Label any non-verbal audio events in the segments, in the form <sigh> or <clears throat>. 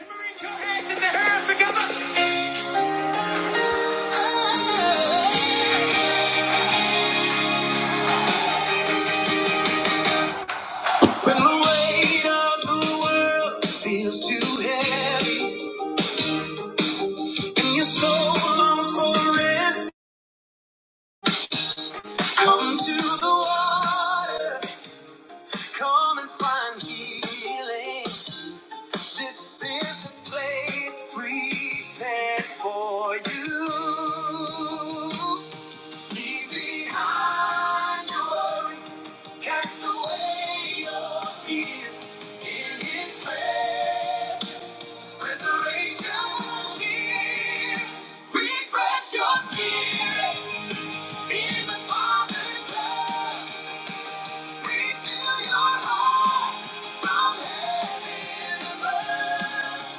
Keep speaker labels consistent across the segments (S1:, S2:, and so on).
S1: When the weight of the world feels too heavy and your soul longs for rest, come to the water, come and find healing. This is the place prepared for you. Leave behind worry, cast away your fear. In His presence, restoration's near. Refresh your spirit in the Father's love. Refill your heart from heaven above.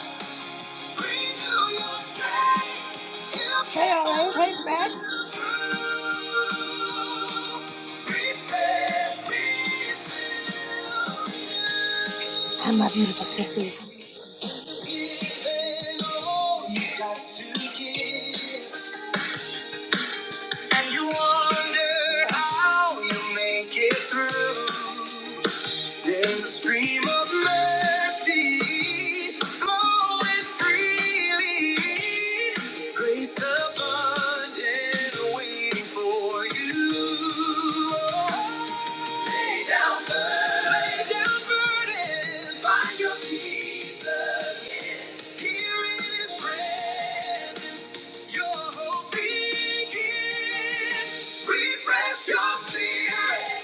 S2: Hey, all right. Hey, Sack. Hi, my beautiful sissy.
S1: And you wonder how you make it through. There's a stream of mercy flowing freely. Grace abundant waiting for you. Lay down burdens. Lay down burdens. Find your peace again. Here in His presence, your hope begins. Refresh your spirit.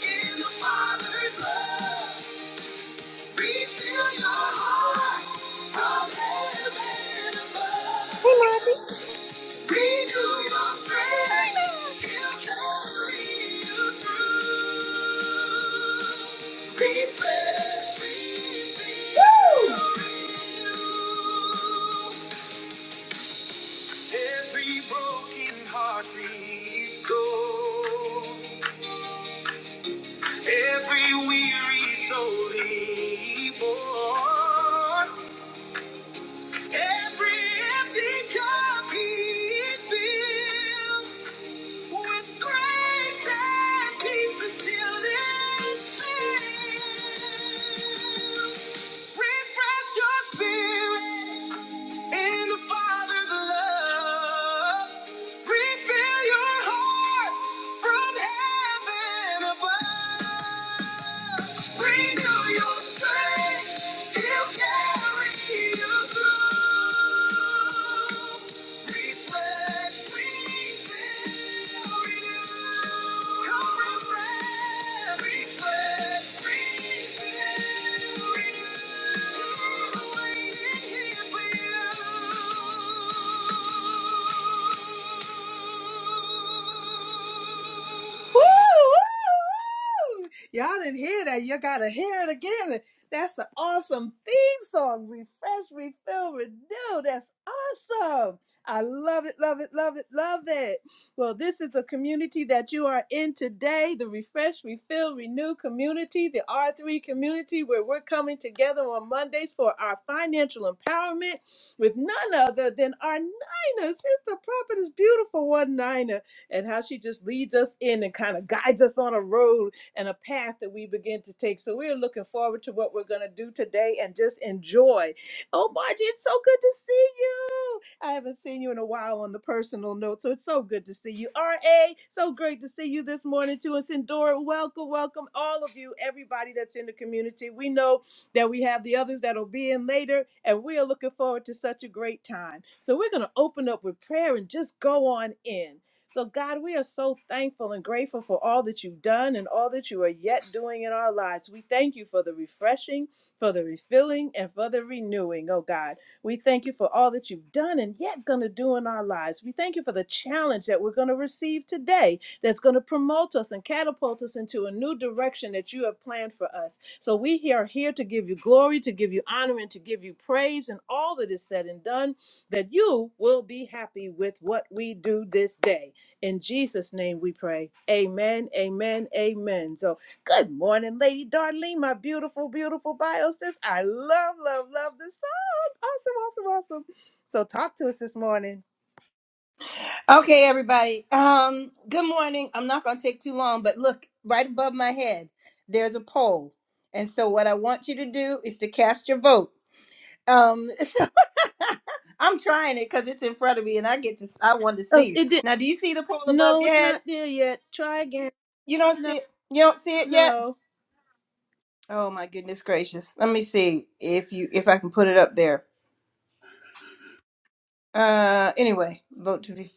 S1: In the Father's love, refill your heart from heaven above.
S2: Hey, Margie.
S1: Renew your strength, He'll carry you through. Refresh, refill, Woo! Renew. every broken heart restored. Every weary soul he borne, every empty cup he fills with grace and peace until it fills. Refresh your spirit in the Father's love. Refill your heart from heaven above. Renew your strength. He'll carry you through. Refresh, refill, you. Come refresh, refresh, refill, renew. Waiting here for you.
S2: Woo, Y'all didn't hear that. You gotta hear it again. That's an awesome theme song. Refresh, refill, renew. That's awesome. I love it, love it, love it, love it. Well, this is the community that you are in today, the Refresh, Refill, Renew community, the R3 community, where we're coming together on Mondays for our financial empowerment with none other than our Nina, sister prophetess, beautiful one Nina and how she just leads us in and kind of guides us on a road and a path that we begin to take. So we're looking forward to what we're going to do today and just enjoy. Oh, Margie, it's so good to see you. I haven't seen you in a while on the personal note, so it's so good to see you. R.A., so great to see you this morning too. And Sindora, welcome, welcome all of you, everybody that's in the community. We know that we have the others that'll be in later, and we are looking forward to such a great time. So we're going to open up with prayer and just go on in. So, God, we are so thankful and grateful for all that you've done and all that you are yet doing in our lives. We thank you for the refreshing, for the refilling, and for the renewing, oh God. We thank you for all that you've done and yet going to do in our lives. We thank you for the challenge that we're going to receive today that's going to promote us and catapult us into a new direction that you have planned for us. So, we here are here to give you glory, to give you honor, and to give you praise and all that is said and done, that you will be happy with what we do this day. In Jesus' name we pray. Amen, amen, amen. So, good morning, Lady Darlene, my beautiful, beautiful bio sis. I love, love, love this song. Awesome, awesome, awesome. So, talk to us this morning.
S1: Okay, everybody. Um, good morning. I'm not going to take too long, but look, right above my head, there's a poll. And so, what I want you to do is to cast your vote. Um, <laughs> so I'm trying it because it's in front of me, and I get to. I want to
S2: Oh,
S1: see.
S2: it did.
S1: Now, do you see the poll above
S2: No,
S1: your
S2: it's
S1: head?
S2: not there yet. Try again.
S1: You don't
S2: No,
S1: see it. You don't see it yet.
S2: no.
S1: Oh my goodness gracious! Let me see if you if I can put it up there. Uh, anyway, vote to be.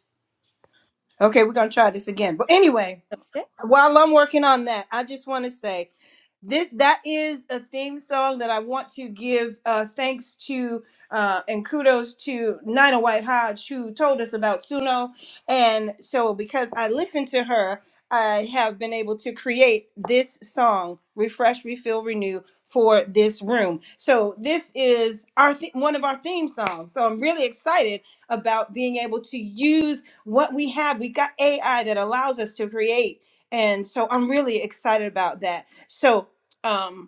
S1: Okay, we're gonna try this again. But anyway,
S2: Eh,
S1: while I'm working on that, I just want to say this that is a theme song that I want to give uh, thanks to uh, and kudos to Nina White Hodge who told us about Suno, and so because I listened to her, I have been able to create this song, "Refresh, Refill, Renew." For this room, so this is our th- one of our theme songs. So I'm really excited about being able to use what we have. We got AI that allows us to create and so I'm really excited about that. So um,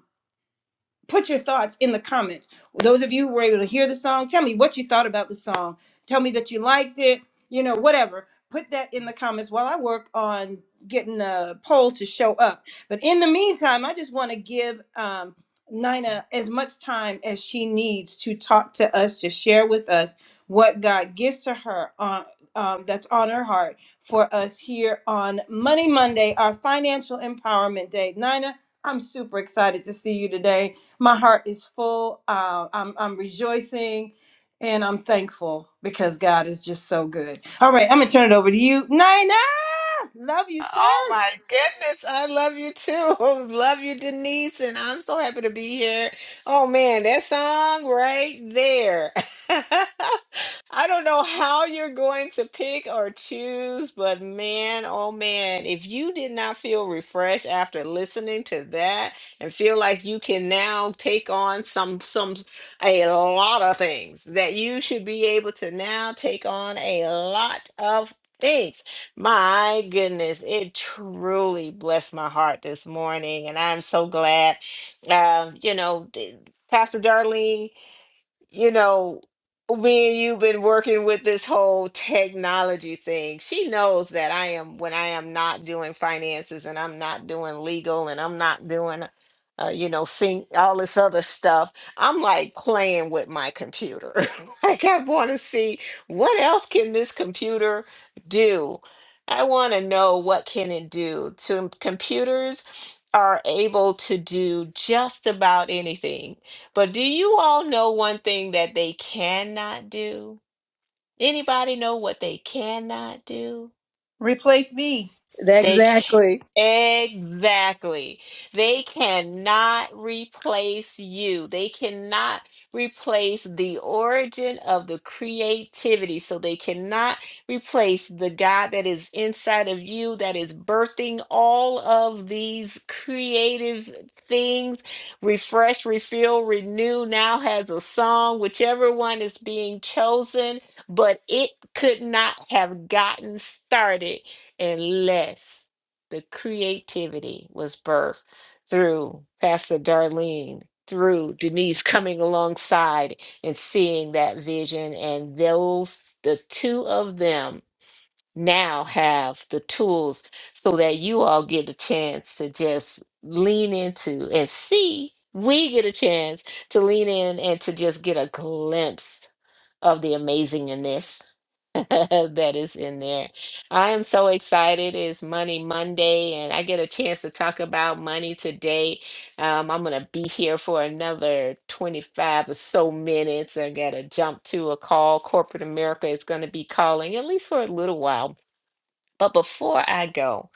S1: put your thoughts in the comments. Those of you who were able to hear the song, tell me what you thought about the song. Tell me that you liked it, you know, whatever. Put that in the comments while I work on getting the poll to show up. But in the meantime, I just want to give um, Nina as much time as she needs to talk to us, to share with us what God gives to her on. Um, that's on her heart for us here on Money Monday, our financial empowerment day. Nina, I'm super excited to see you today my heart is full. Uh, I'm I'm rejoicing, and I'm thankful because God is just so good. All right, I'm gonna turn it over to you, Nina. Love you,
S3: Oh
S1: sis.
S3: my goodness, I love you too. <laughs> Love you, Denise, and I'm so happy to be here. Oh man, that song right there. <laughs> I don't know how you're going to pick or choose, but man, oh man, if you did not feel refreshed after listening to that and feel like you can now take on some some a lot of things that you should be able to now take on a lot of things. My goodness, it truly blessed my heart this morning, and I'm so glad. Uh, you know, d- Pastor Darlene you know, me and you've been working with this whole technology thing. She knows that I am when I am not doing finances and I'm not doing legal and I'm not doing, uh, you know, sync all this other stuff. I'm like playing with my computer. <laughs> like I want to see what else can this computer do. I want to know what can it do. To computers are able to do just about anything but do you all know one thing that they cannot do? Anybody know what they cannot do?
S1: Replace me.
S3: They
S2: Exactly.
S3: Exactly. They cannot replace you. They cannot replace the origin of the creativity. So they cannot replace the God that is inside of you, that is birthing all of these creative things. Refresh, refill, renew now has a song, whichever one is being chosen, but it could not have gotten started unless the creativity was birthed through Pastor Darlene, through Denise coming alongside and seeing that vision. And those, the two of them now have the tools so that you all get a chance to just lean into and see. We get a chance to lean in and to just get a glimpse of the amazingness <laughs> that is in there. I am so excited. It's Money Monday, and I get a chance to talk about money today. Um, I'm going to be here for another 25 or so minutes. I got to jump to a call. Corporate America is going to be calling, at least for a little while. But before I go,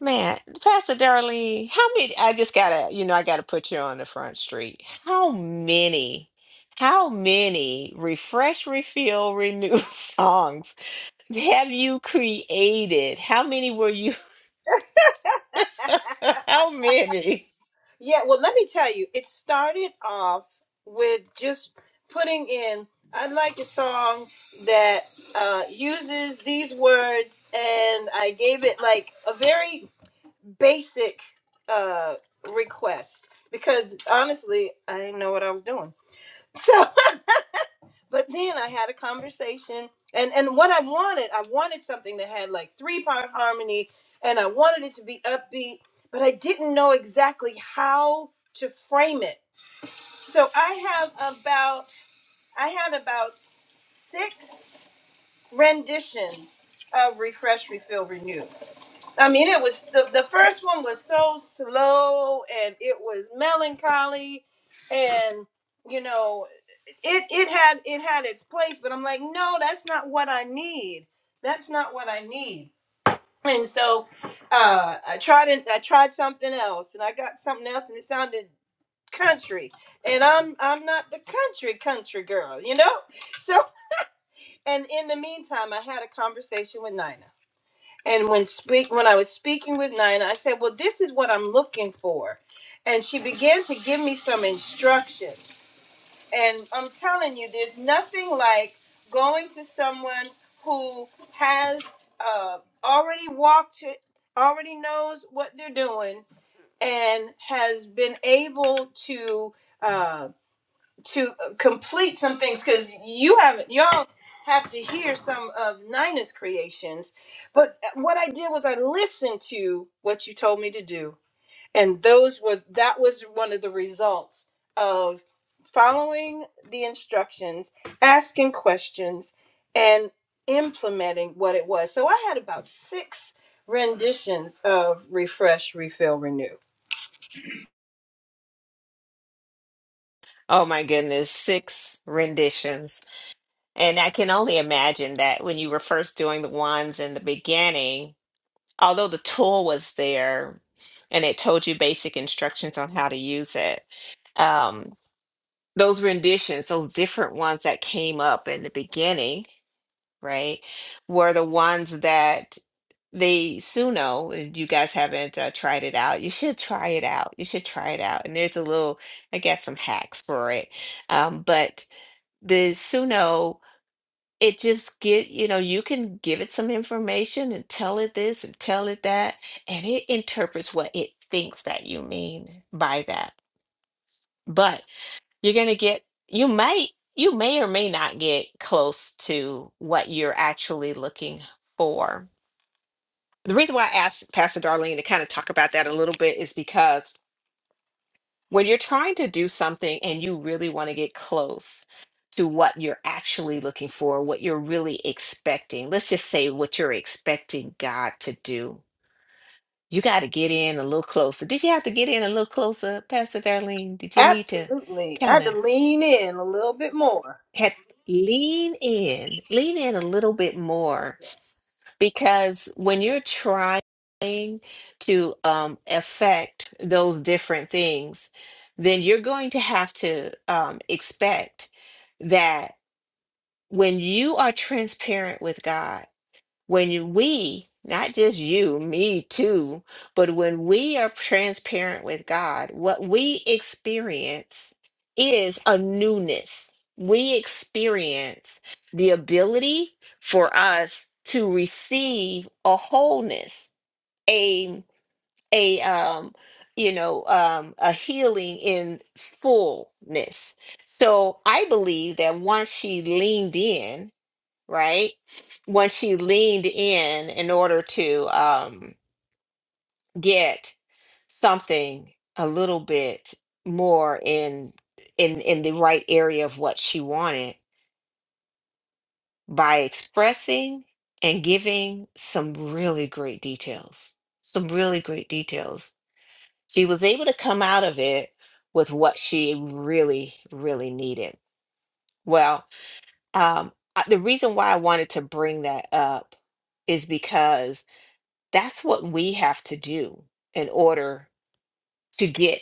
S3: man, Pastor Darlene, how many? I just got to, you know, I got to put you on the front street. How many? How many refresh, refill, renew <laughs> songs have you created? How many were you? <laughs> How many?
S1: Yeah, well, let me tell you, it started off with just putting in. I like a song that uh, uses these words, and I gave it like a very basic uh, request because honestly, I didn't know what I was doing. <laughs> So. but then I had a conversation and and what I wanted, I wanted something that had like three part harmony and I wanted it to be upbeat, but I didn't know exactly how to frame it. So I have about I had about six renditions of Refresh, Refill, Renew. I mean, it was the, the first one was so slow and it was melancholy, and you know, it it had it had its place, but I'm like, no, that's not what I need. That's not what I need. And so, uh, I tried and I tried something else, and I got something else, and it sounded country, and I'm I'm not the country country girl, you know. <laughs> So, and in the meantime, I had a conversation with Nina. And when speak when I was speaking with Nina, I said, "Well, this is what I'm looking for," and she began to give me some instruction. And I'm telling you, there's nothing like going to someone who has uh, already walked it, already knows what they're doing, and has been able to. Um, to uh, complete some things because you haven't y'all have to hear some of Nina's creations. But uh, what I did was I listened to what you told me to do, and those were that was one of the results of following the instructions, asking questions, and implementing what it was. So I had about six renditions of refresh, refill, renew.
S3: Oh my goodness, six renditions. And I can only imagine that when you were first doing the ones in the beginning, although the tool was there and it told you basic instructions on how to use it, um, those renditions, those different ones that came up in the beginning, right, were the ones that the Suno, if you guys haven't uh, tried it out, you should try it out. You should try it out. And there's a little, I got some hacks for it. Um, but the Suno, it just get, you know, you can give it some information and tell it this and tell it that, and it interprets what it thinks that you mean by that. But you're gonna get, you might, you may or may not get close to what you're actually looking for the reason why I asked Pastor Darlene to kind of talk about that a little bit is because when you're trying to do something and you really want to get close to what you're actually looking for, what you're really expecting, let's just say what you're expecting God to do, you got to get in a little closer. Did you have to get in a little closer, Pastor Darlene? Did you need to
S1: Absolutely. I
S3: kind
S1: had
S3: of
S1: to lean in a little bit more.
S3: had lean in, lean in a little bit more Because when you're trying to um, affect those different things, then you're going to have to um, expect that when you are transparent with God, when you- we, not just you, me too, but when we are transparent with God, what we experience is a newness. We experience the ability for us to receive a wholeness, a a um, you know, um, a healing in fullness. So I believe that once she leaned in right? When she leaned in in order to um, get something a little bit more in in in the right area of what she wanted by expressing and giving some really great details. Some really great details. She was able to come out of it with what she really, really needed. Well, um, I- the reason why I wanted to bring that up is because That's what we have to do in order to get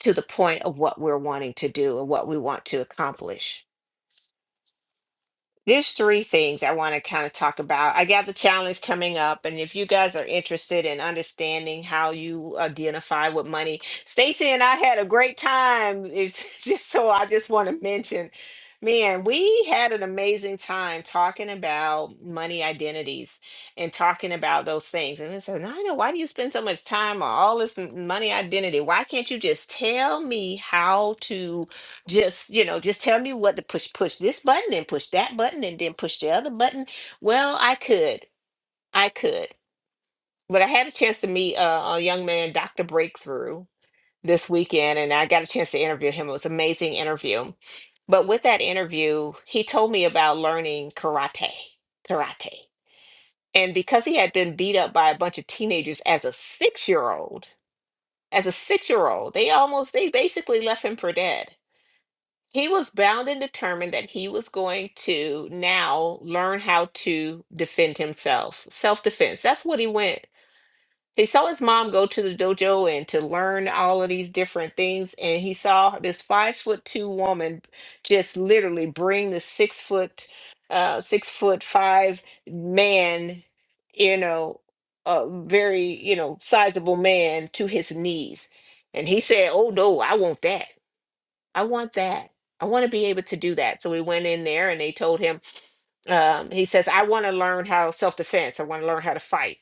S3: to the point of what we're wanting to do and what we want to accomplish there's three things I want to kind of talk about. I got the challenge coming up, and if you guys are interested in understanding how you identify with money, Stacy and I had a great time. It's <laughs> just so I just want to mention, man, we had an amazing time talking about money identities and talking about those things. And I said, Nina, why do you spend so much time on all this m- money identity? Why can't you just tell me how to? just you know just tell me what to push push this button and push that button and then push the other button well i could i could but i had a chance to meet uh, a young man dr breakthrough this weekend and i got a chance to interview him it was an amazing interview but with that interview he told me about learning karate karate and because he had been beat up by a bunch of teenagers as a six year old as a six year old they almost they basically left him for dead he was bound and determined that he was going to now learn how to defend himself self-defense that's what he went he saw his mom go to the dojo and to learn all of these different things and he saw this five foot two woman just literally bring the six foot uh six foot five man you know a very you know sizable man to his knees and he said oh no i want that I want that. I want to be able to do that. So we went in there and they told him, um, he says, I want to learn how self defense. I want to learn how to fight.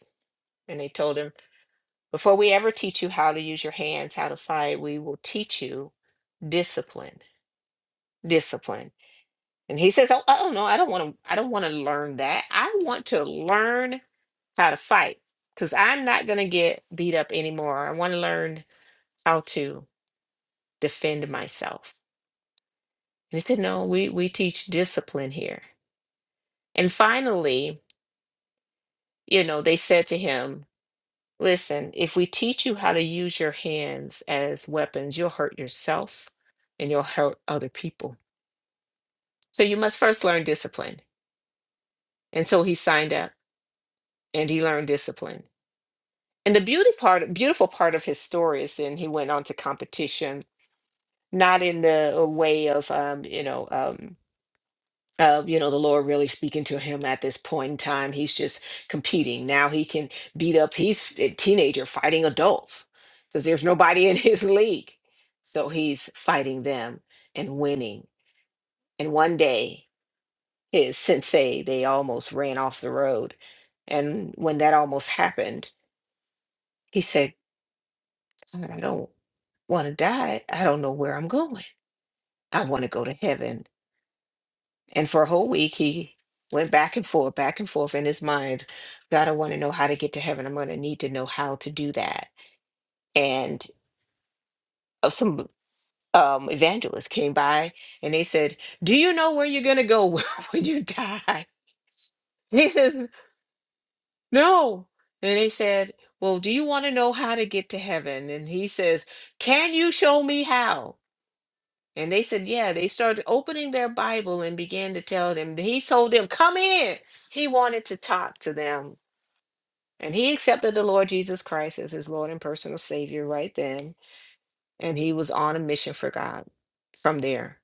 S3: And they told him, before we ever teach you how to use your hands, how to fight, we will teach you discipline, discipline. And he says, Oh, oh no, I don't want to, I don't want to learn that. I want to learn how to fight because I'm not going to get beat up anymore. I want to learn how to defend myself. And he said, No, we, we teach discipline here And finally, you know, they said to him, Listen, if we teach you how to use your hands as weapons, you'll hurt yourself and you'll hurt other people. So you must first learn discipline. And so he signed up and he learned discipline. And the beauty part, beautiful part of his story is then he went on to competition, not in the way of, um, you know, um, uh, you know, the Lord really speaking to him at this point in time. He's just competing. Now he can beat up, he's a teenager fighting adults because there's nobody in <laughs> his league. So he's fighting them and winning. And one day, his sensei, they almost ran off the road. And when that almost happened, he said, "God, I don't want to die. I don't know where I'm going. I want to go to heaven. And for a whole week, he went back and forth, back and forth in his mind. God, I want to know how to get to heaven. I'm going to need to know how to do that. And uh, some um, evangelists came by and they said, Do you know where you're going to go <laughs> when you die? And He says, No. And they said, Well, do you want to know how to get to heaven? And he says, Can you show me how? And they said, Yeah. They started opening their Bible and began to tell them. He told them, Come in. He wanted to talk to them And he accepted the Lord Jesus Christ as his Lord and personal Savior right then. And he was on a mission for God from there.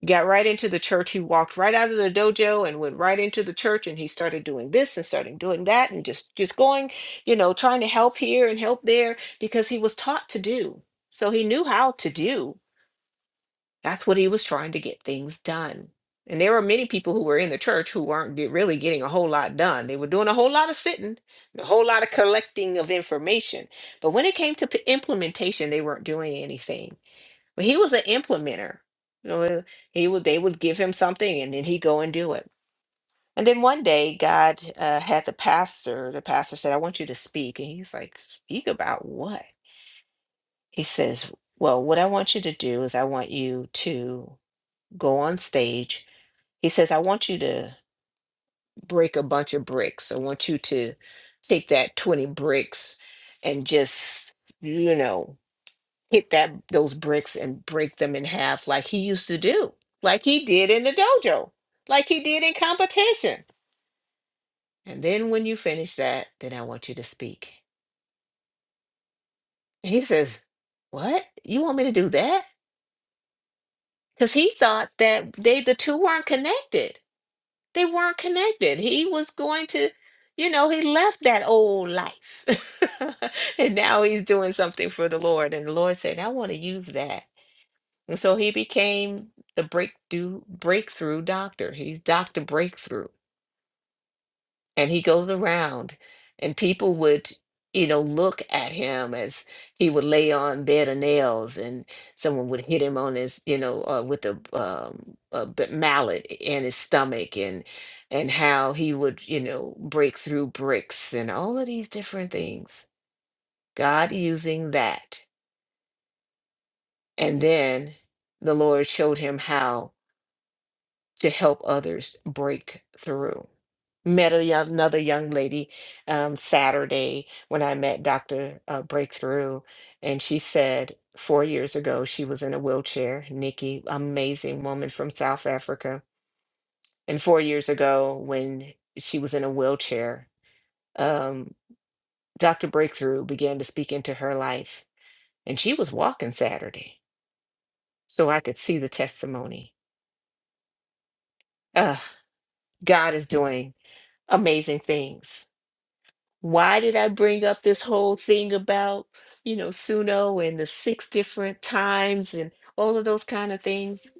S3: He got right into the church. He walked right out of the dojo and went right into the church. And he started doing this and started doing that and just, just going, you know, trying to help here and help there because he was taught to do. So he knew how to do that's what he was trying to get things done. And there were many people who were in the church who weren't get- really getting a whole lot done. They were doing a whole lot of sitting, and a whole lot of collecting of information. But when it came to p- implementation, they weren't doing anything. But he was an implementer. You know, he would they would give him something and then he'd go and do it. And then one day God uh, had the pastor, the pastor said, I want you to speak. And he's like, speak about what? He says, well, what I want you to do is I want you to go on stage. He says, I want you to break a bunch of bricks. I want you to take that 20 bricks and just, you know, hit that those bricks and break them in half like he used to do, like he did in the dojo, like he did in competition. And then when you finish that, then I want you to speak. And he says, What? You want me to do that? Because he thought that they the two weren't connected. They weren't connected. He was going to, you know, he left that old life. <laughs> and now he's doing something for the Lord. And the Lord said, I want to use that. And so he became the breakthrough breakthrough doctor. He's Dr. Breakthrough and he goes around and people would you know look at him as he would lay on bed of nails and someone would hit him on his you know uh, with a, um, a b- mallet in his stomach and and how he would you know break through bricks and all of these different things god using that and then the lord showed him how to help others break through met a young, another young lady um, Saturday when I met Dr. Uh, Breakthrough, and she said four years ago she was in a wheelchair. Nikki, amazing woman from South Africa, and four years ago when she was in a wheelchair, um, Dr. Breakthrough began to speak into her life, and she was walking Saturday, so I could see the testimony. Uh, God is doing amazing things. why did I bring up this whole thing about, you know, Suno and the six different times and all of those kind of things?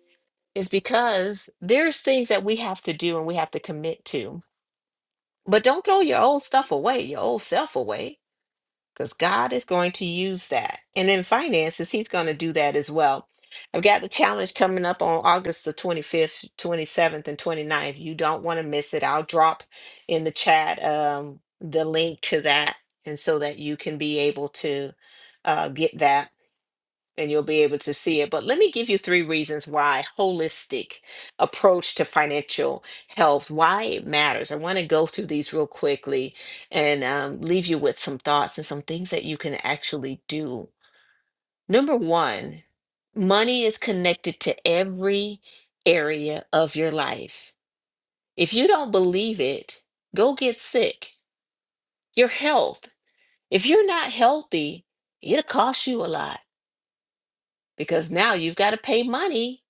S3: Is because there's things that we have to do and we have to commit to. But don't throw your old stuff away, your old self away because God is going to use that. And in finances, He's going to do that as well. I've got the challenge coming up on August the 25th, 27th, and 29th. You don't want to miss it. I'll drop in the chat um, the link to that, and so that you can be able to uh, get that and you'll be able to see it. But let me give you three reasons why holistic approach to financial health, why it matters. I want to go through these real quickly and um, leave you with some thoughts and some things that you can actually do. Number one, money is connected to every area of your life. If you don't believe it, go get sick. Your health. If you're not healthy, it'll cost you a lot because now you've got to pay money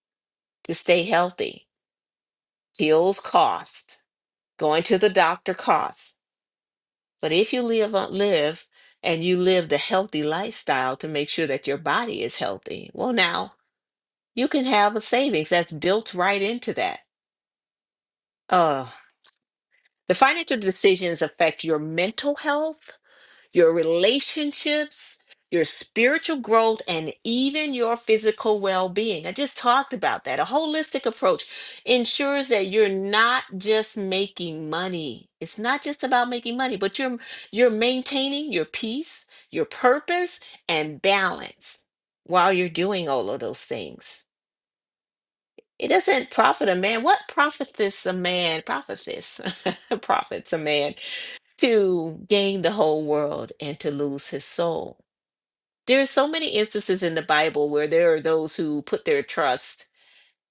S3: to stay healthy. Pills cost, going to the doctor costs. But if you live on live and you live the healthy lifestyle to make sure that your body is healthy, well now you can have a savings that's built right into that. Uh the financial decisions affect your mental health your relationships, your spiritual growth, and even your physical well being. I just talked about that. A holistic approach ensures that you're not just making money. It's not just about making money, but you're you're maintaining your peace, your purpose, and balance while you're doing all of those things. It doesn't profit a man. What profiteth a man? Profiteth, <laughs> profits a man to gain the whole world and to lose his soul there are so many instances in the Bible where there are those who put their trust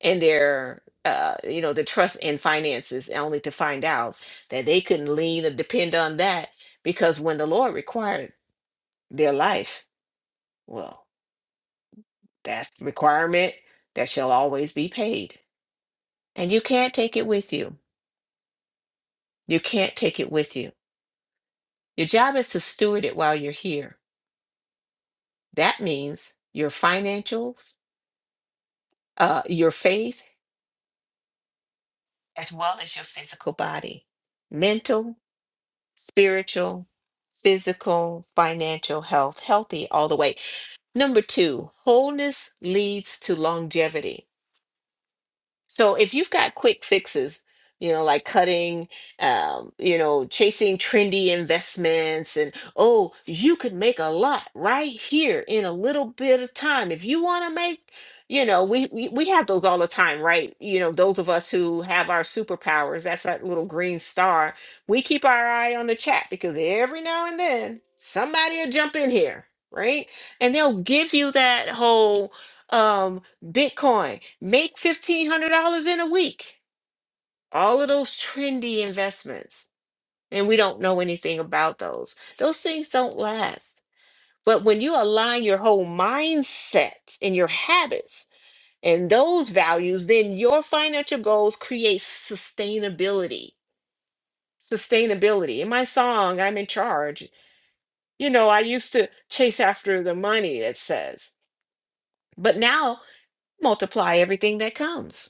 S3: and their uh, you know the trust in finances only to find out that they couldn't lean or depend on that because when the Lord required their life, well, that's the requirement that shall always be paid. And you can't take it with you. You can't take it with you. Your job is to steward it while you're here. That means your financials, uh, your faith, as well as your physical body, mental, spiritual, physical, financial health, healthy all the way. Number two, wholeness leads to longevity. So if you've got quick fixes, you know, like cutting, um, you know, chasing trendy investments, and oh, you could make a lot right here in a little bit of time. If you want to make, you know, we, we we have those all the time, right? You know, those of us who have our superpowers, that's that little green star. We keep our eye on the chat because every now and then somebody will jump in here, right? And they'll give you that whole. um Bitcoin, make $1,500 in a week. All of those trendy investments. And we don't know anything about those. Those things don't last. But when you align your whole mindset and your habits and those values, then your financial goals create sustainability. Sustainability. In my song, I'm in charge. You know, I used to chase after the money, it says. But now multiply everything that comes.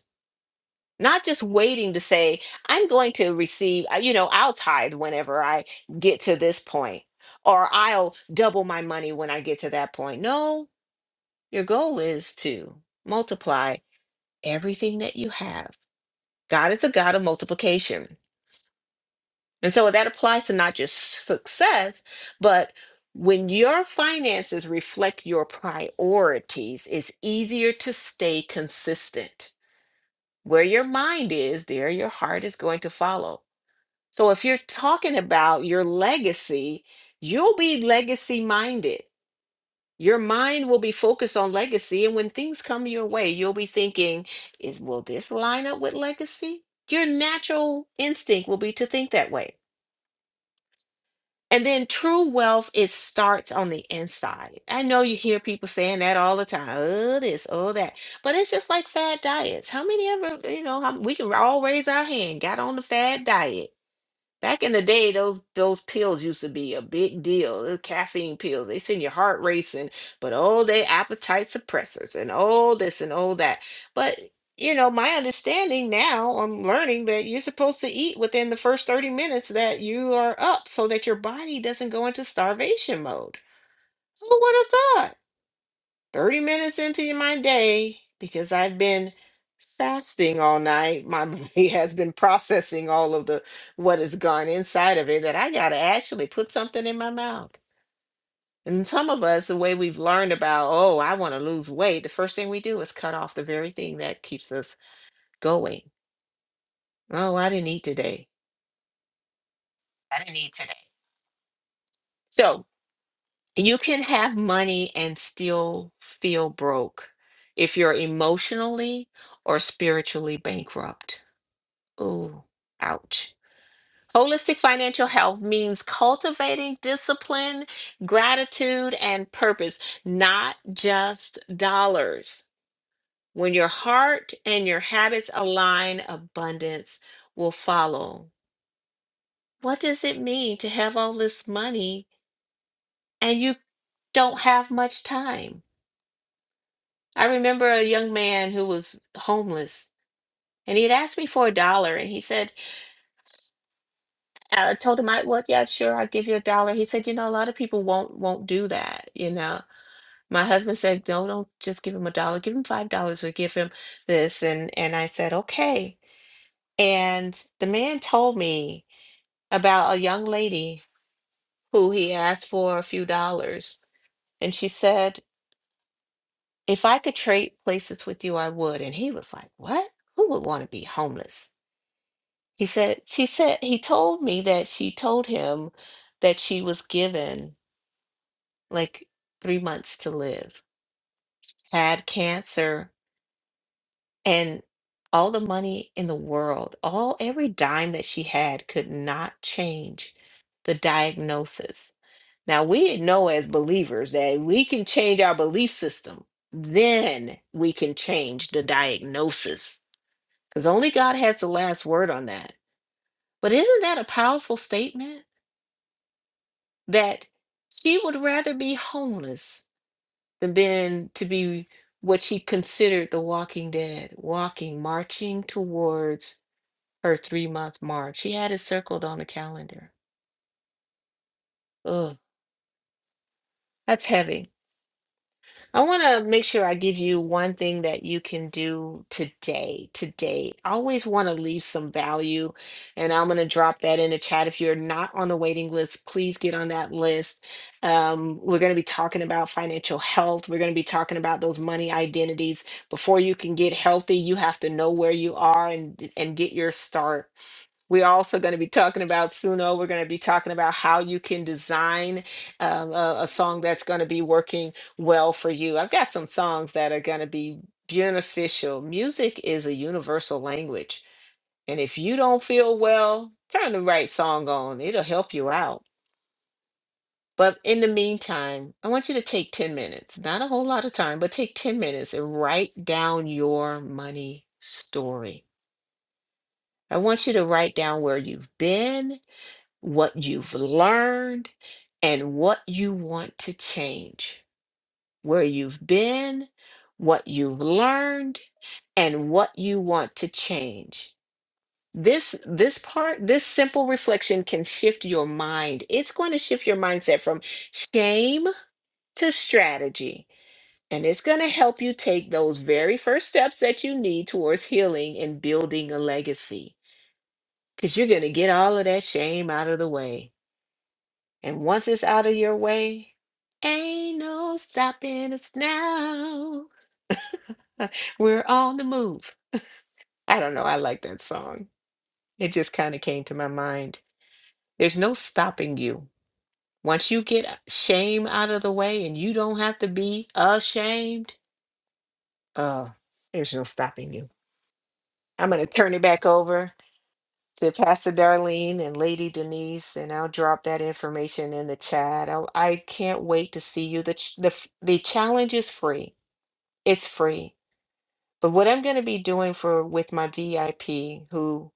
S3: not just waiting to say i'm going to receive uh, you know i'll tithe whenever i get to this point or i'll double my money when i get to that point no your goal is to multiply everything that you have god is a god of multiplication and so that applies to not just success but when your finances reflect your priorities it's easier to stay consistent where your mind is there your heart is going to follow So if you're talking about your legacy, you'll be legacy minded. Your mind will be focused on legacy. And when things come your way, you'll be thinking, is will this line up with legacy? Your natural instinct will be to think that way. And then true wealth, it starts on the inside. I know you hear people saying that all the time. Oh, this, oh, that. But it's just like fad diets. How many ever, you know, how, we can all raise our hand, got on the fad diet Back in the day, those those pills used to be a big deal. The caffeine pills, they send your heart racing, but oh, they appetite suppressors and all this and all that. But you know, my understanding now, I'm learning that you're supposed to eat within the first 30 minutes that you are up so that your body doesn't go into starvation mode. Who would have thought? 30 minutes into my day because I've been fasting all night. My body <laughs> has been processing all of the what has gone inside of it that I got to actually put something in my mouth. And some of us, the way we've learned about, oh, I want to lose weight, the first thing we do is cut off the very thing that keeps us going. Oh, I didn't eat today. I didn't eat today. So you can have money and still feel broke if you're emotionally or spiritually bankrupt Ooh, ouch. Holistic financial health means cultivating discipline, gratitude, and purpose, not just dollars. When your heart and your habits align, abundance will follow. What does it mean to have all this money and you don't have much time? I remember a young man who was homeless and he had asked me for a dollar and he said, I told him I well, yeah, sure, I'll give you a dollar. He said, you know, a lot of people won't won't do that, you know. My husband said, no, don't just give him a dollar, give him five dollars or give him this. And and I said, okay. And the man told me about a young lady who he asked for a few dollars. And she said, if I could trade places with you, I would. And he was like, What? Who would want to be homeless? He said, she said, he told me that she told him that she was given like three months to live, had cancer, and all the money in the world, all every dime that she had could not change the diagnosis. Now we know as believers that we can change our belief system, then we can change the diagnosis. Because only God has the last word on that. But isn't that a powerful statement that she would rather be homeless the men to be what she considered the walking dead, walking, marching towards her three month mark. She had it circled on the calendar. Ugh, that's heavy. I want to make sure I give you one thing that you can do today. Today, I always want to leave some value, and I'm going to drop that in the chat. If you're not on the waiting list, please get on that list. Um, we're going to be talking about financial health. We're going to be talking about those money identities. Before you can get healthy, you have to know where you are and and get your start. We're also going to be talking about Suno. We're going to be talking about how you can design um, a, a song that's going to be working well for you. I've got some songs that are going to be beneficial. Music is a universal language. And if you don't feel well, turn the right song on, it'll help you out. But in the meantime, I want you to take 10 minutes, not a whole lot of time, but take 10 minutes and write down your money story. I want you to write down where you've been what you've learned, and what you want to change, where you've been, what you've learned, and what you want to change. This this part, this simple reflection can shift your mind. It's going to shift your mindset from shame to strategy. And it's going to help you take those very first steps that you need towards healing and building a legacy. Because you're going to get all of that shame out of the way And once it's out of your way, ain't no stopping us now. <laughs> We're on the move. I don't know. I like that song. It just kind of came to my mind. There's no stopping you. Once you get uh, shame out of the way and you don't have to be ashamed, uh, there's no stopping you. I'm going to turn it back over to Pastor Darlene and Lady Denise, and I'll drop that information in the chat. I, I can't wait to see you. The, ch- the, f- the challenge is free it's free. But what I'm going to be doing for with my VIP who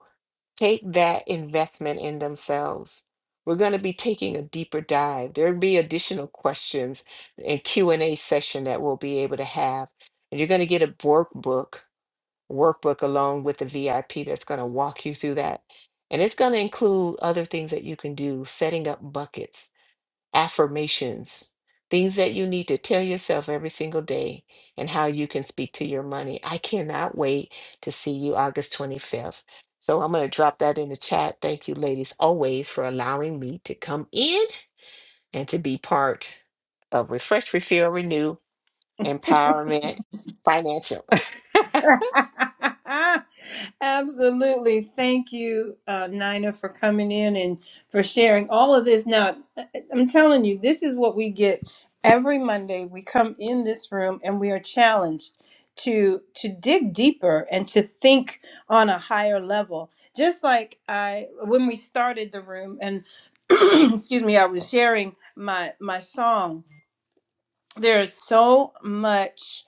S3: take that investment in themselves, we're going to be taking a deeper dive. There'll be additional questions and Q&A session that we'll be able to have. And you're going to get a workbook, workbook along with the VIP that's going to walk you through that. And it's going to include other things that you can do, setting up buckets affirmations, things that you need to tell yourself every single day, and how you can speak to your money. I cannot wait to see you August 25th. So I'm going to drop that in the chat. Thank you, ladies, always for allowing me to come in and to be part of Refresh, Refill, Renew, Empowerment Financial. <laughs>
S1: <laughs> Absolutely. Thank you, uh, Nina, for coming in and for sharing all of this. Now, I- I'm telling you, this is what we get every Monday. We come in this room and we are challenged to to dig deeper and to think on a higher level. Just like I when we started the room and <clears throat> excuse me, I was sharing my my song. There is so much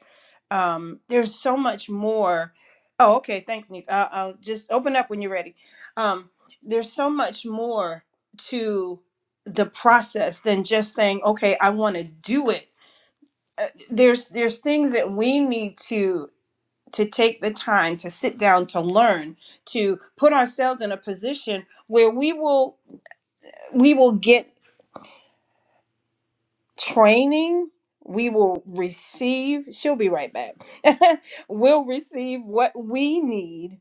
S1: um there's so much more oh okay thanks niece I'll, I'll just open up when you're ready um there's so much more to the process than just saying okay i want to do it Uh, there's there's things that we need to to take the time to sit down to learn to put ourselves in a position where we will we will get training we will receive she'll be right back <laughs> we'll receive what we need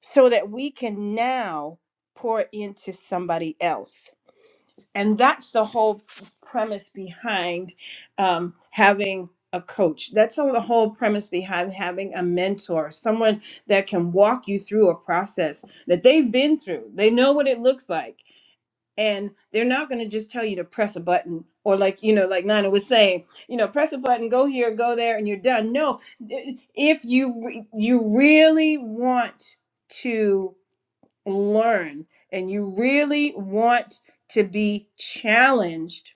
S1: so that we can now pour into somebody else. And that's the whole premise behind um, having a coach. That's all the whole premise behind having a mentor, someone that can walk you through a process that they've been through. They know what it looks like. And they're not going to just tell you to press a button or, like, you know, like Nana was saying, you know, press a button, go here, go there, and you're done. No, if you, re- you really want to learn and you really want to be challenged,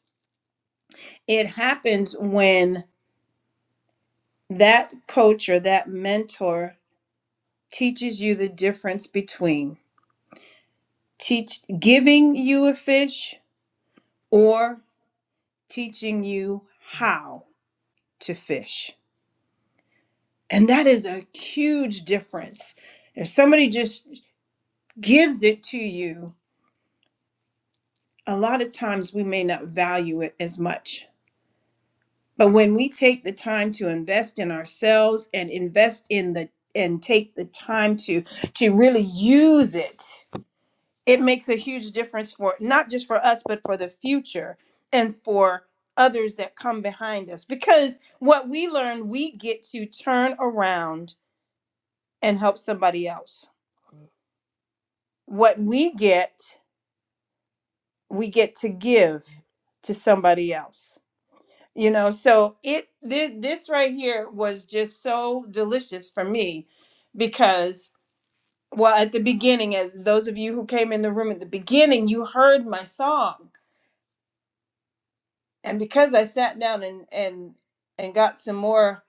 S1: it happens when that coach or that mentor teaches you the difference between teach giving you a fish or teaching you how to fish. And that is a huge difference. If somebody just gives it to you, a lot of times we may not value it as much But when we take the time to invest in ourselves and invest in the and take the time to to really use it, it makes a huge difference for not just for us but for the future and for others that come behind us because what we learn we get to turn around and help somebody else. What we get, we get to give to somebody else you know so it thi- this right here was just so delicious for me because well at the beginning as those of you who came in the room at the beginning you heard my song and because i sat down and and and got some more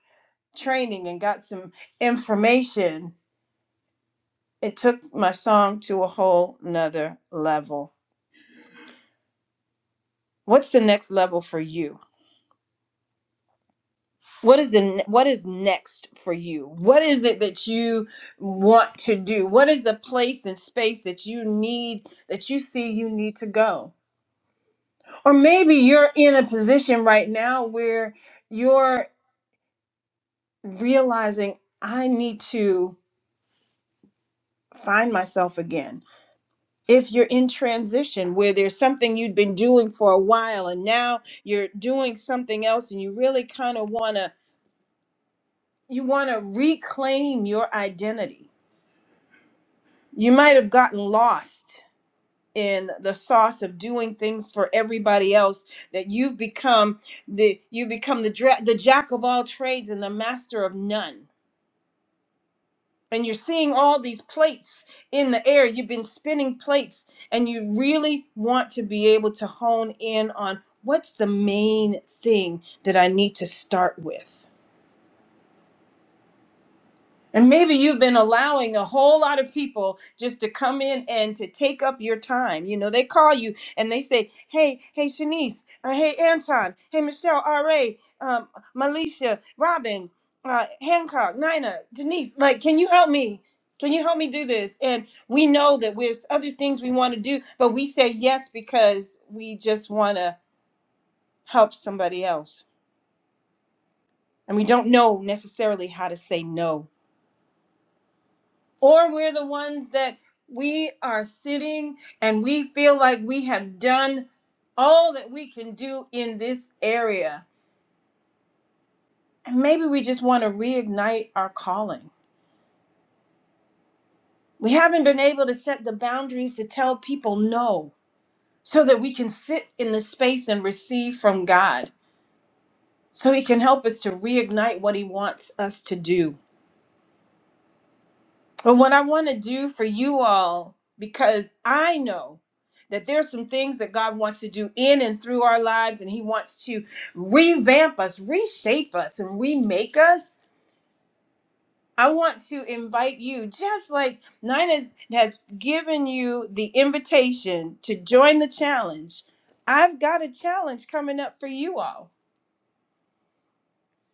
S1: training and got some information it took my song to a whole nother level what's the next level for you what is the ne- what is next for you what is it that you want to do what is the place and space that you need that you see you need to go or maybe you're in a position right now where you're realizing i need to find myself again if you're in transition where there's something you'd been doing for a while and now you're doing something else and you really kind of want to you want to reclaim your identity you might have gotten lost in the sauce of doing things for everybody else that you've become the you become the dra- the jack of all trades and the master of none and you're seeing all these plates in the air you've been spinning plates and you really want to be able to hone in on what's the main thing that I need to start with And maybe you've been allowing a whole lot of people just to come in and to take up your time. You know, they call you and they say, hey, hey, Shanice, uh, hey, Anton, hey, Michelle, R.A., um, Malicia, Robin, uh, Hancock, Nina, Denise, like, can you help me? Can you help me do this? And we know that there's other things we want to do, but we say yes because we just want to help somebody else. And we don't know necessarily how to say no or we're the ones that we are sitting and we feel like we have done all that we can do in this area. And maybe we just want to reignite our calling. We haven't been able to set the boundaries to tell people no so that we can sit in the space and receive from God so He can help us to reignite what He wants us to do. But what I want to do for you all, because I know that there's some things that God wants to do in and through our lives, and He wants to revamp us, reshape us, and remake us. I want to invite you, just like Nina has has given you the invitation to join the challenge. I've got a challenge coming up for you all.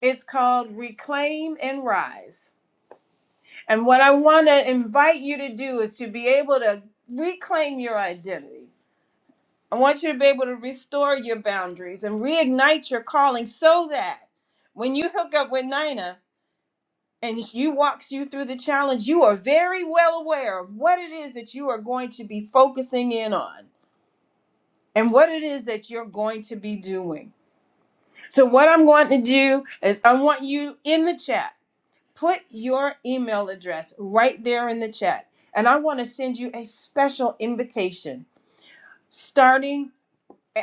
S1: It's called Reclaim and Rise. And what I want to invite you to do is to be able to reclaim your identity. I want you to be able to restore your boundaries and reignite your calling so that when you hook up with Nina and she walks you through the challenge, you are very well aware of what it is that you are going to be focusing in on and what it is that you're going to be doing. So, what I'm going to do is, I want you in the chat. put your email address right there in the chat. And I want to send you a special invitation starting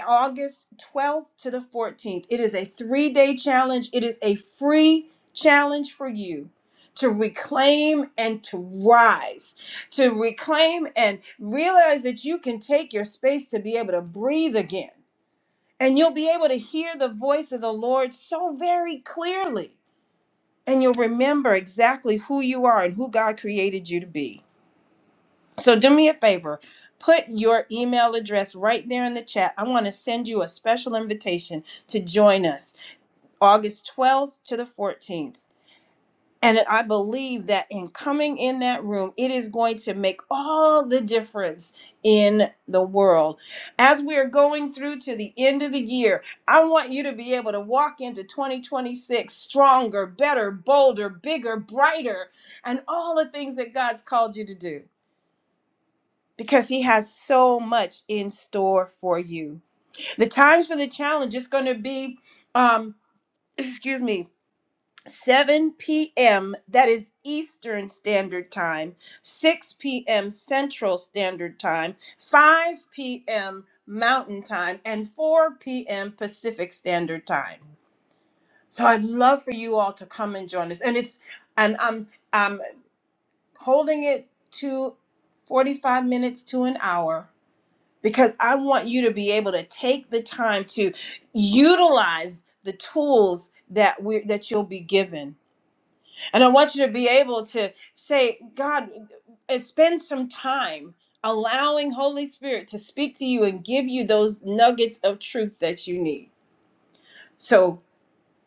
S1: August 12th to the 14th. It is a three day challenge, it is a free challenge for you to reclaim and to rise, to reclaim and realize that you can take your space to be able to breathe again. And you'll be able to hear the voice of the Lord so very clearly and you'll remember exactly who you are and who God created you to be. So do me a favor, put your email address right there in the chat. I want to send you a special invitation to join us August 12th to the 14th. And I believe that in coming in that room, it is going to make all the difference in the world. As we are going through to the end of the year, I want you to be able to walk into 2026 stronger, better, bolder, bigger, brighter, and all the things that God's called you to do because He has so much in store for you. The times for the challenge is going to be, um, <clears throat> excuse me, 7 p.m. That is Eastern Standard Time, 6 p.m. Central Standard Time, 5 p.m. Mountain Time, and 4 p.m. Pacific Standard Time. So I'd love for you all to come and join us. And it's and I'm I'm holding it to 45 minutes to an hour because I want you to be able to take the time to utilize the tools that we are that you'll be given and I want you to be able to say, God, and spend some time allowing Holy Spirit to speak to you and give you those nuggets of truth that you need. So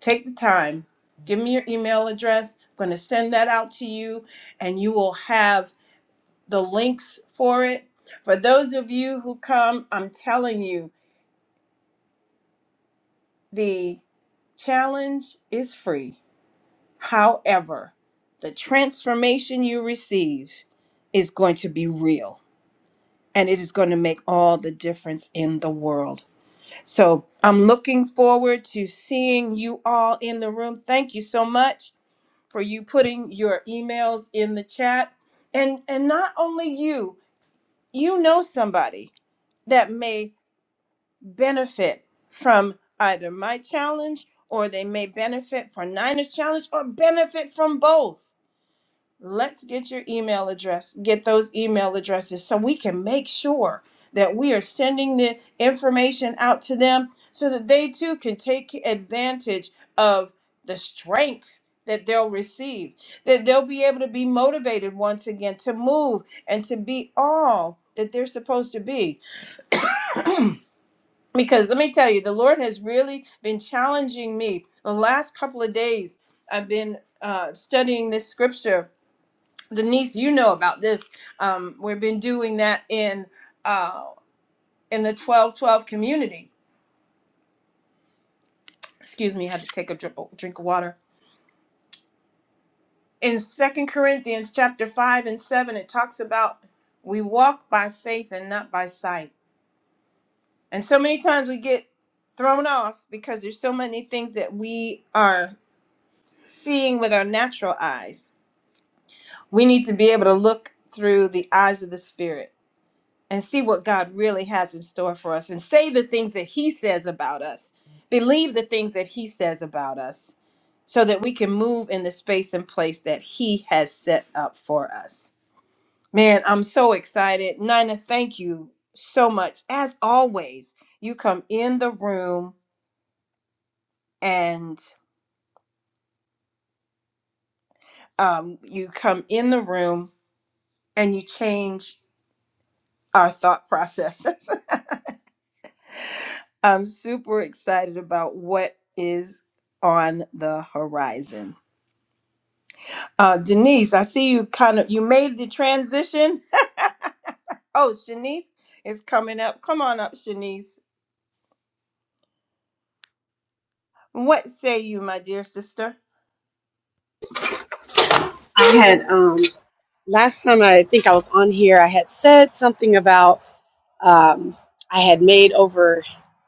S1: take the time, give me your email address. I'm going to send that out to you, and you will have the links for it. For those of you who come, I'm telling you, the challenge is free However, the transformation you receive is going to be real and it is going to make all the difference in the world. So I'm looking forward to seeing you all in the room. Thank you so much for you putting your emails in the chat. And and not only you, you know somebody that may benefit from either my challenge or they may benefit from Nina's challenge or benefit from both. let's get your email address, get those email addresses so we can make sure that we are sending the information out to them so that they too can take advantage of the strength that they'll receive, that they'll be able to be motivated once again to move and to be all that they're supposed to be. Because let me tell you, the Lord has really been challenging me the last couple of days. I've been uh, studying this scripture Denise, you know about this. Um, we've been doing that in uh, in the twelve twelve community. Excuse me, I had to take a drip, drink of water. In Second Corinthians chapter five and seven, it talks about we walk by faith and not by sight. And so many times we get thrown off because there's so many things that we are seeing with our natural eyes. We need to be able to look through the eyes of the spirit and see what God really has in store for us and say the things that He says about us, believe the things that He says about us, so that we can move in the space and place that He has set up for us. Man, I'm so excited. Nina, thank you so much. As always, you come in the room and um, you come in the room and you change our thought process. <laughs> I'm super excited about what is on the horizon. Uh, Denise, I see you kind of you made the transition. Oh, Shanice is coming up. Come on up, Shanice. What say you, my dear sister?
S4: I had um last time I think I was on here, I had said something about um, I had made over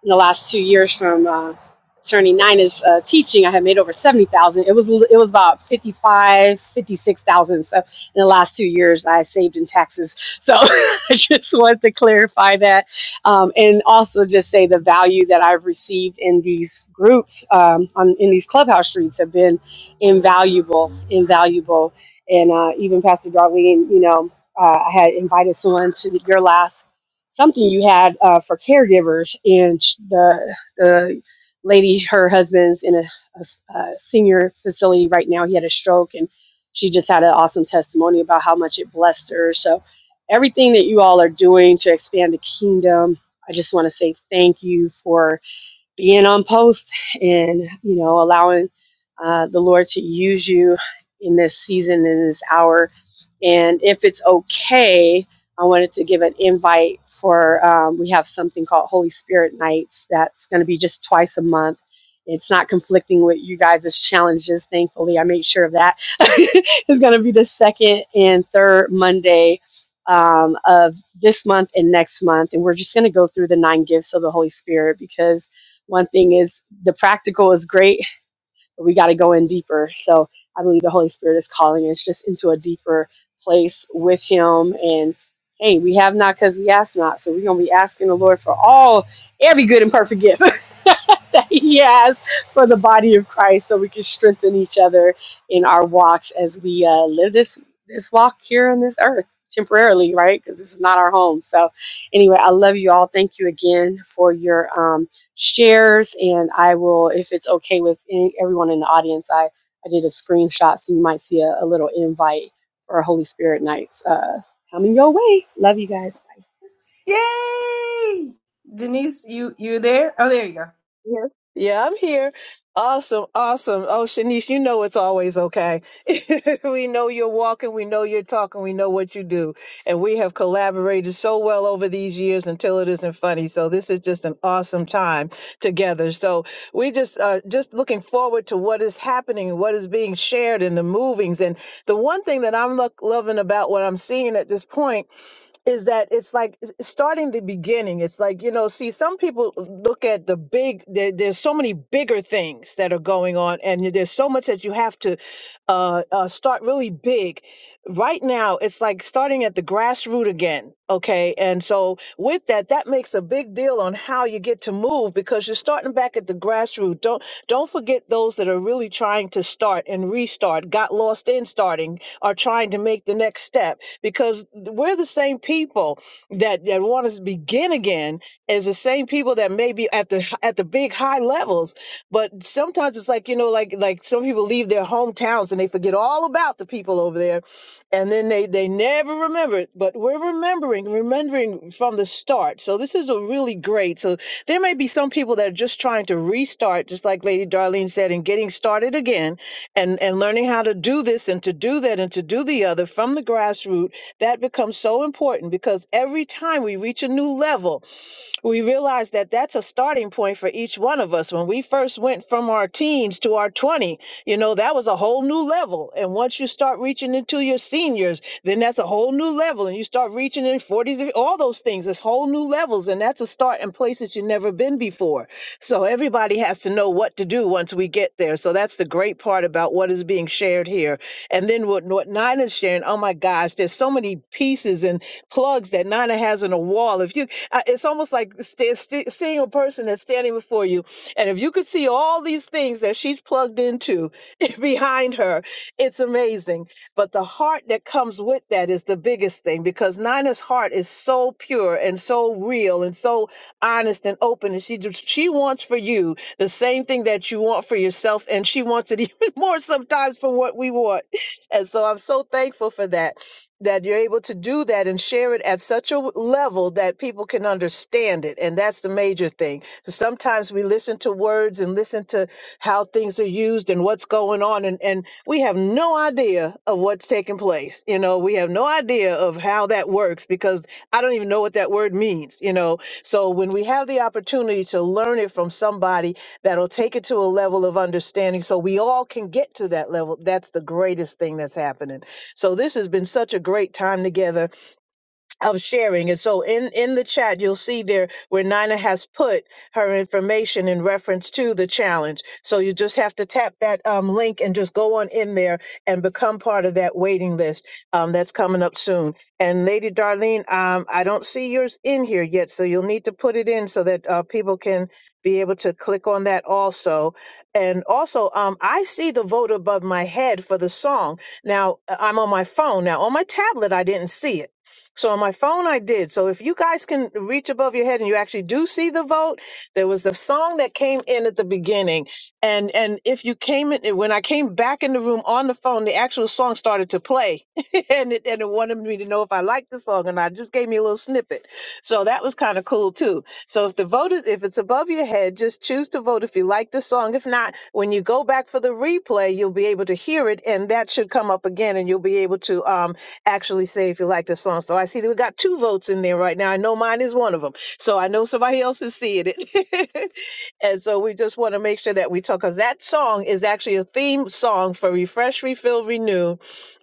S4: in the last two years from uh, attorney Nina's uh, teaching. I had made over seventy thousand. It was it was about 55, 56,000. So in the last two years, I saved in taxes. So <laughs> I just wanted to clarify that, um, and also just say the value that I've received in these groups um, on in these clubhouse streets have been invaluable, invaluable. And uh, even Pastor Darlene, you know, uh, I had invited someone to your last something you had uh, for caregivers, and sh- the the lady, her husband's in a a, a senior facility right now. He had a stroke, and she just had an awesome testimony about how much it blessed her. So, everything that you all are doing to expand the kingdom, I just want to say thank you for being on post and you know allowing uh, the lord to use you in this season in this hour and if it's okay i wanted to give an invite for um, we have something called holy spirit nights that's going to be just twice a month it's not conflicting with you guys' challenges thankfully i made sure of that <laughs> it's going to be the second and third monday um, of this month and next month and we're just going to go through the nine gifts of the holy spirit because one thing is the practical is great, but we got to go in deeper. So I believe the Holy Spirit is calling us just into a deeper place with Him. And hey, we have not because we ask not. So we're going to be asking the Lord for all, every good and perfect gift <laughs> that He has for the body of Christ so we can strengthen each other in our walks as we uh, live this, this walk here on this earth temporarily, right? Because this is not our home. So anyway, I love you all. Thank you again for your. Um, shares and I will, if it's okay with any, everyone in the audience, I, I did a screenshot so you might see a, a little invite for our Holy Spirit nights uh, coming your way. Love you guys.
S1: Yay! Denise, you you there? Oh, there you go.
S2: Yes. Yeah, I'm here. Awesome, awesome. Oh, Shanice, you know it's always okay. <laughs> we know you're walking, we know you're talking, we know what you do. And we have collaborated so well over these years until it isn't funny. So this is just an awesome time together. So we just uh just looking forward to what is happening and what is being shared in the movings. And the one thing that I'm look, loving about what I'm seeing at this point is that it's like s- starting the beginning. It's like, you know, see, some people look at the big, there, there's so many bigger things that are going on, and there's so much that you have to uh, uh, start really big right now it's like starting at the grassroots again okay and so with that that makes a big deal on how you get to move because you're starting back at the grassroots don't don't forget those that are really trying to start and restart got lost in starting are trying to make the next step because we're the same people that that want to begin again as the same people that may be at the at the big high levels but sometimes it's like you know like like some people leave their hometowns and they forget all about the people over there and then they they never remember it but we're remembering remembering from the start so this is a really great so there may be some people that are just trying to restart just like lady darlene said and getting started again and and learning how to do this and to do that and to do the other from the grassroots that becomes so important because every time we reach a new level we realize that that's a starting point for each one of us. When we first went from our teens to our 20, you know, that was a whole new level. And once you start reaching into your seniors, then that's a whole new level. And you start reaching in 40s, all those things, it's whole new levels. And that's a start in places you've never been been before. So everybody has to know what to do once we get there. So that's the great part about what is being shared here. And then what, what Nina's sharing, oh my gosh, there's so many pieces and plugs that Nina has on a wall. If you, I- it's almost like st- st- seeing a person that's standing before you, and if you could see all these things that she's plugged into <laughs> behind her, it's amazing. But the heart that comes with that is the biggest thing because Nina's heart is so pure and so real and so honest and open. And she just, she wants for you the same thing that you want for yourself. And she wants it <laughs> even more sometimes for what we want. <laughs> And so I'm so thankful for that that you're able to do that and share it at such a level that people can understand it and that's the major thing sometimes we listen to words and listen to how things are used and what's going on and, and we have no idea of what's taking place you know we have no idea idea of how that works because I don't even know what that word means, you know. So when we have the opportunity to learn it from somebody that'll take it to a level of understanding so we all can get to that level, that's the greatest thing that's happening. So this has been such a great time together of sharing. And so in, in the chat, you'll see there where Nina has put her information in reference to the challenge. So you just have to tap that um, link and just go on in there and become part of that waiting list um, that's coming up soon. And Lady Darlene, um, I don't see yours in here yet, so you'll need to put it in so that uh, people can be able to click on that also. And also, um, I see the vote above my head for the song. Now, uh, I'm on my phone. Now, on my tablet, I didn't see it so on my phone, I did. So if you guys can reach above your head and you actually do see the vote, there was the song that came in at the beginning, and and if you came in when I came back in the room on the phone, the actual song started to play, <laughs> and it and it wanted me to know if I liked the song, and I just gave me a little snippet. So that was kind of cool too. So if the vote is, if it's above your head, just choose to vote if you like the song. If not, when you go back for the replay, you'll be able to hear it, and that should come up again, and you'll be able to um actually say if you like the song. So I see that we got two votes in there right now. I know mine is one of them. So I know somebody else is seeing it, <laughs> and so we just want to make sure that we talk because that song is actually a theme song for Refresh, Refill, Renew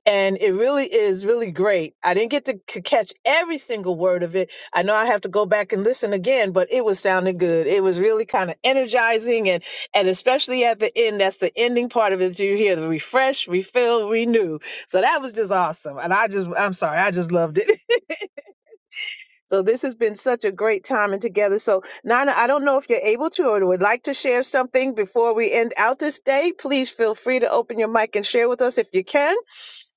S2: and it really is really great. I didn't get to c- catch every single word of it. I know I have to go back and listen again, but it was sounding good. It was really kind of energizing, and and especially at the end, that's the ending part of it. You hear the refresh, refill, renew. So that was just awesome, and I just I'm sorry, I just loved it. <laughs> so this has been such a great time and together. So Nana, I don't know if you're able to or would like to share something before we end out this day. Please feel free to open your mic and share with us if you can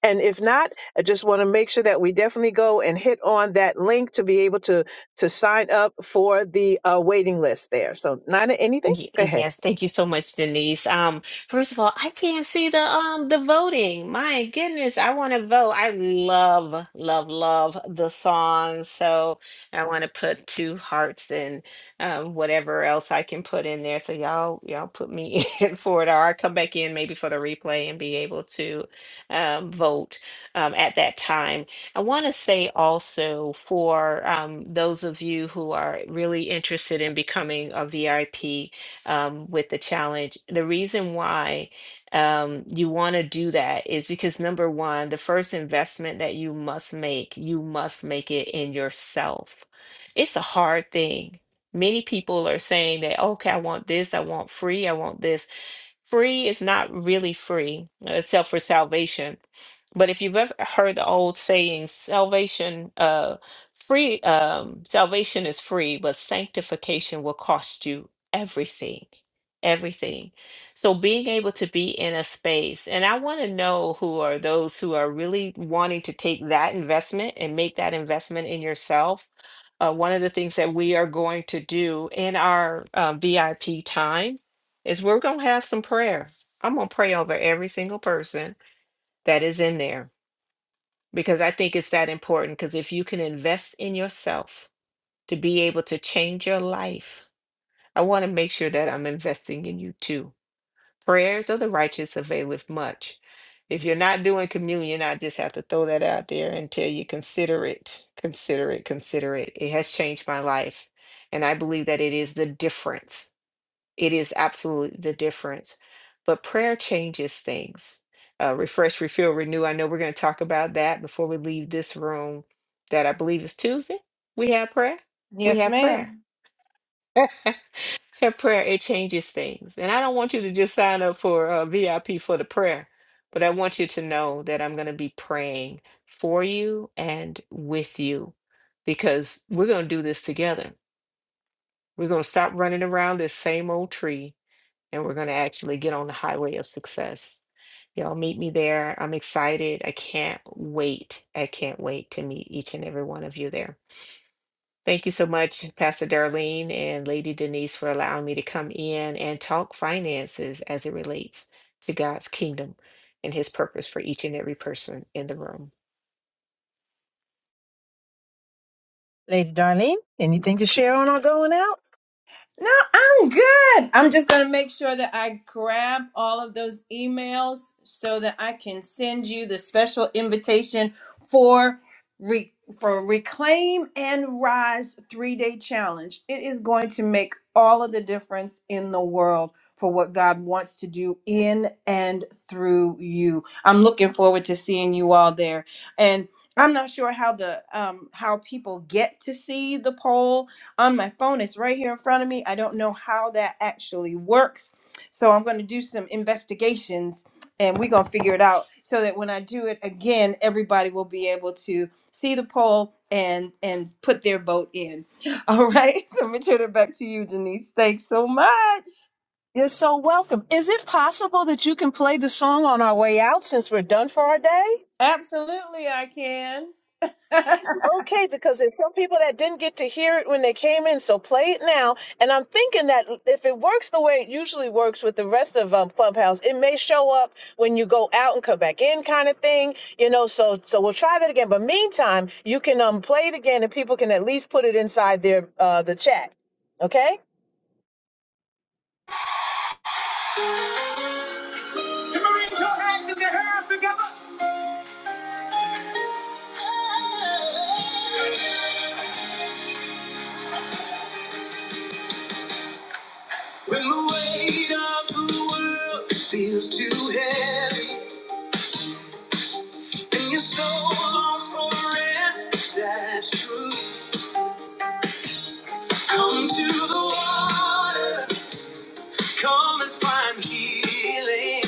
S2: and if not i just want to make sure that we definitely go and hit on that link to be able to to sign up for the uh, waiting list there so nina anything
S3: Y-
S2: go ahead
S3: Yes, thank you so much, Denise. Um, first of all, I can't see the um the voting. My goodness, I want to vote. I love, love, love the song. So I want to put two hearts and um whatever else I can put in there. So y'all, y'all put me <laughs> in for it, or I come back in maybe for the replay and be able to um vote um at that time. I want to say also for um, those of you who are really interested in becoming a VIP, um, with the challenge. The reason why um, you want to do that is because number one, the first investment that you must make, you must make it in yourself. It's a hard thing. Many people are saying that, okay, I want this, I want free, I want this. Free is not really free, uh, except for salvation. But if you've ever heard the old saying, salvation, uh, free, um, salvation is free, but sanctification will cost you everything, everything. So being able to be in a space, and I want to know who are those who are really wanting to take that investment and make that investment in yourself uh, one of the things that we are going to do in our uh, VIP time is we're going to have some prayer. I'm going to pray over every single person that is in there because I think it's that important. Because if you can invest in yourself to be able to change your life, I want to make sure that I'm investing in you too Prayers of the righteous availeth much. If you're not doing communion, I just have to throw that out there and tell you consider it, consider it, consider it. It has changed my life. And I believe that it is the difference. It is absolutely the difference. But prayer changes things. Uh, refresh, refill, renew. I know we're going to talk about that before we leave this room. That I believe is Tuesday. We have prayer. We
S1: Yes,
S3: have prayer.
S1: ma'am.
S3: <laughs> Her prayer, it changes things. And I don't want you to just sign up for a VIP for the prayer, but I want you to know that I'm going to be praying for you and with you because we're going to do this together. We're going to stop running around this same old tree and we're going to actually get on the highway of success. Y'all meet me there. I'm excited. I can't wait. I can't wait to meet each and every one of you there. Thank you so much, Pastor Darlene and Lady Denise, for allowing me to come in and talk finances as it relates to God's kingdom and his purpose for each and every person in the room.
S2: lady darlene anything to share on our going out
S1: No, I'm good. I'm just going to make sure that I grab all of those emails so that I can send you the special invitation for re- for Reclaim and Rise 3-day challenge. It is going to make all of the difference in the world for what God wants to do in and through you. I'm looking forward to seeing you all there. And I'm not sure how the um how people get to see the poll on my phone. It's right here in front of me. I don't know how that actually works. So I'm going to do some investigations and we're going to figure it out so that when I do it again, everybody will be able to see the poll and and put their vote in. <laughs> All right. <laughs> So I'm going to turn it back to you, Denise. Thanks so much.
S2: you're so welcome is it possible that you can play the song on our way out since we're done for our day
S1: Absolutely, I can. <laughs> Come
S2: Okay, because there's some people that didn't get to hear it when they came in, so play it now. And I'm thinking that if it works the way it usually works with the rest of um, Clubhouse, it may show up when you go out and come back in, kind of thing. You know, so so we'll try that again. But meantime, you can um play it again, and people can at least put it inside their uh the chat. Okay.
S1: on, raise your hands in the air together. When the weight of the world feels too heavy. And you're so long for rest, that's true. Come to the water, come and find healing.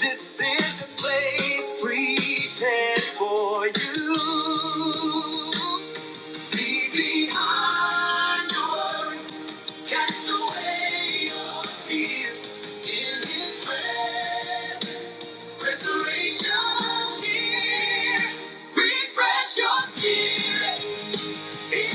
S1: This is the place prepared for you. Leave behind your worry, cast away your fear. In His presence, restoration's here. Refresh your spirit. When you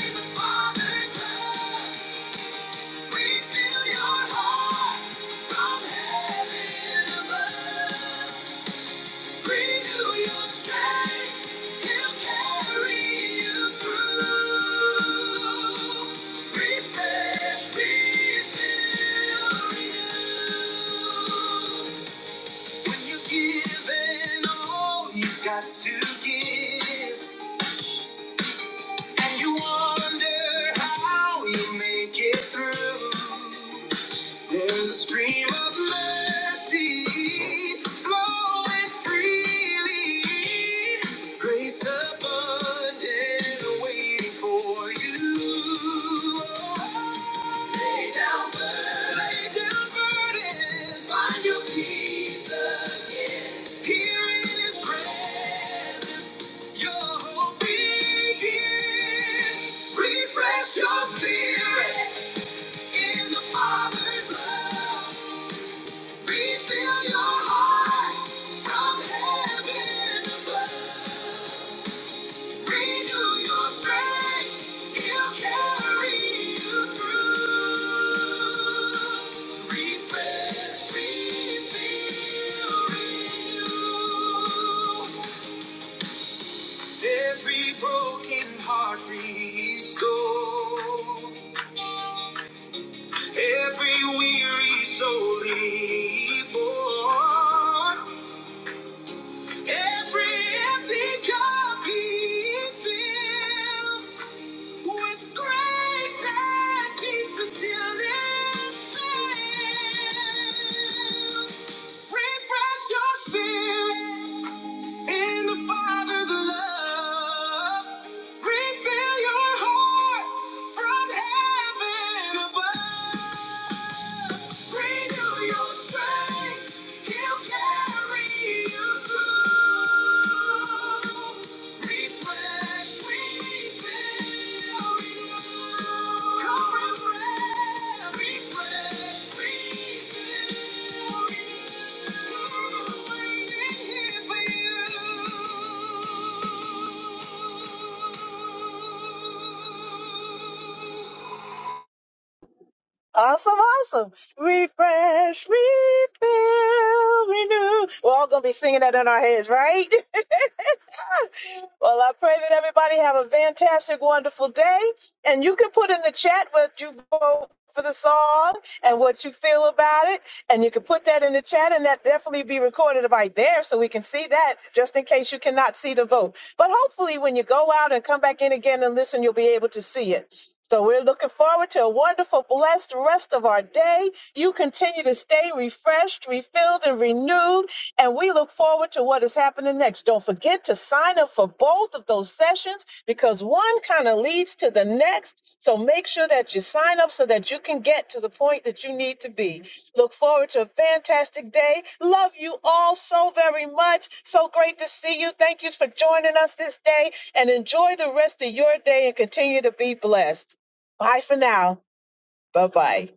S1: give and all you've got to give. And you wonder how you make it through. There's a stream of mercy flowing freely. Grace abundant waiting for you. Lay down burdens. Lay down burdens. Find your peace again. Here in His presence, your hope begins. Refresh your spirit. In the Father's love, refill your heart from heaven above. Renew your strength, He'll carry you through. Refresh, refill, renew. Every broken heart restored. Every weary soul he borne, every empty cup he fills with grace and peace until it fills. Refresh your spirit. In the Father's love, refill your heart from heaven above. Renew your strength, He'll carry you through.
S2: Awesome, awesome. Refresh, refill, renew. We're all going to be singing that in our heads, right? <laughs> well, I pray that everybody have a fantastic, wonderful day. And you can put in the chat what you vote for the song and what you feel about it. And you can put that in the chat, and that definitely be recorded right there so we can see that just in case you cannot see the vote. But hopefully, when you go out and come back in again and listen, you'll be able to see it. So we're looking forward to a wonderful, blessed rest of our day. You continue to stay refreshed, refilled, and renewed. And we look forward to what is happening next. Don't forget forget to sign up for both of those sessions because one kind of leads to the next. So make sure that you sign up so that you can get to the point that you need to be. Look forward to a fantastic day. Love you all so very much. So great to see you. Thank you for joining us this day and enjoy the rest of your day and continue to be blessed. Bye for now. Bye bye.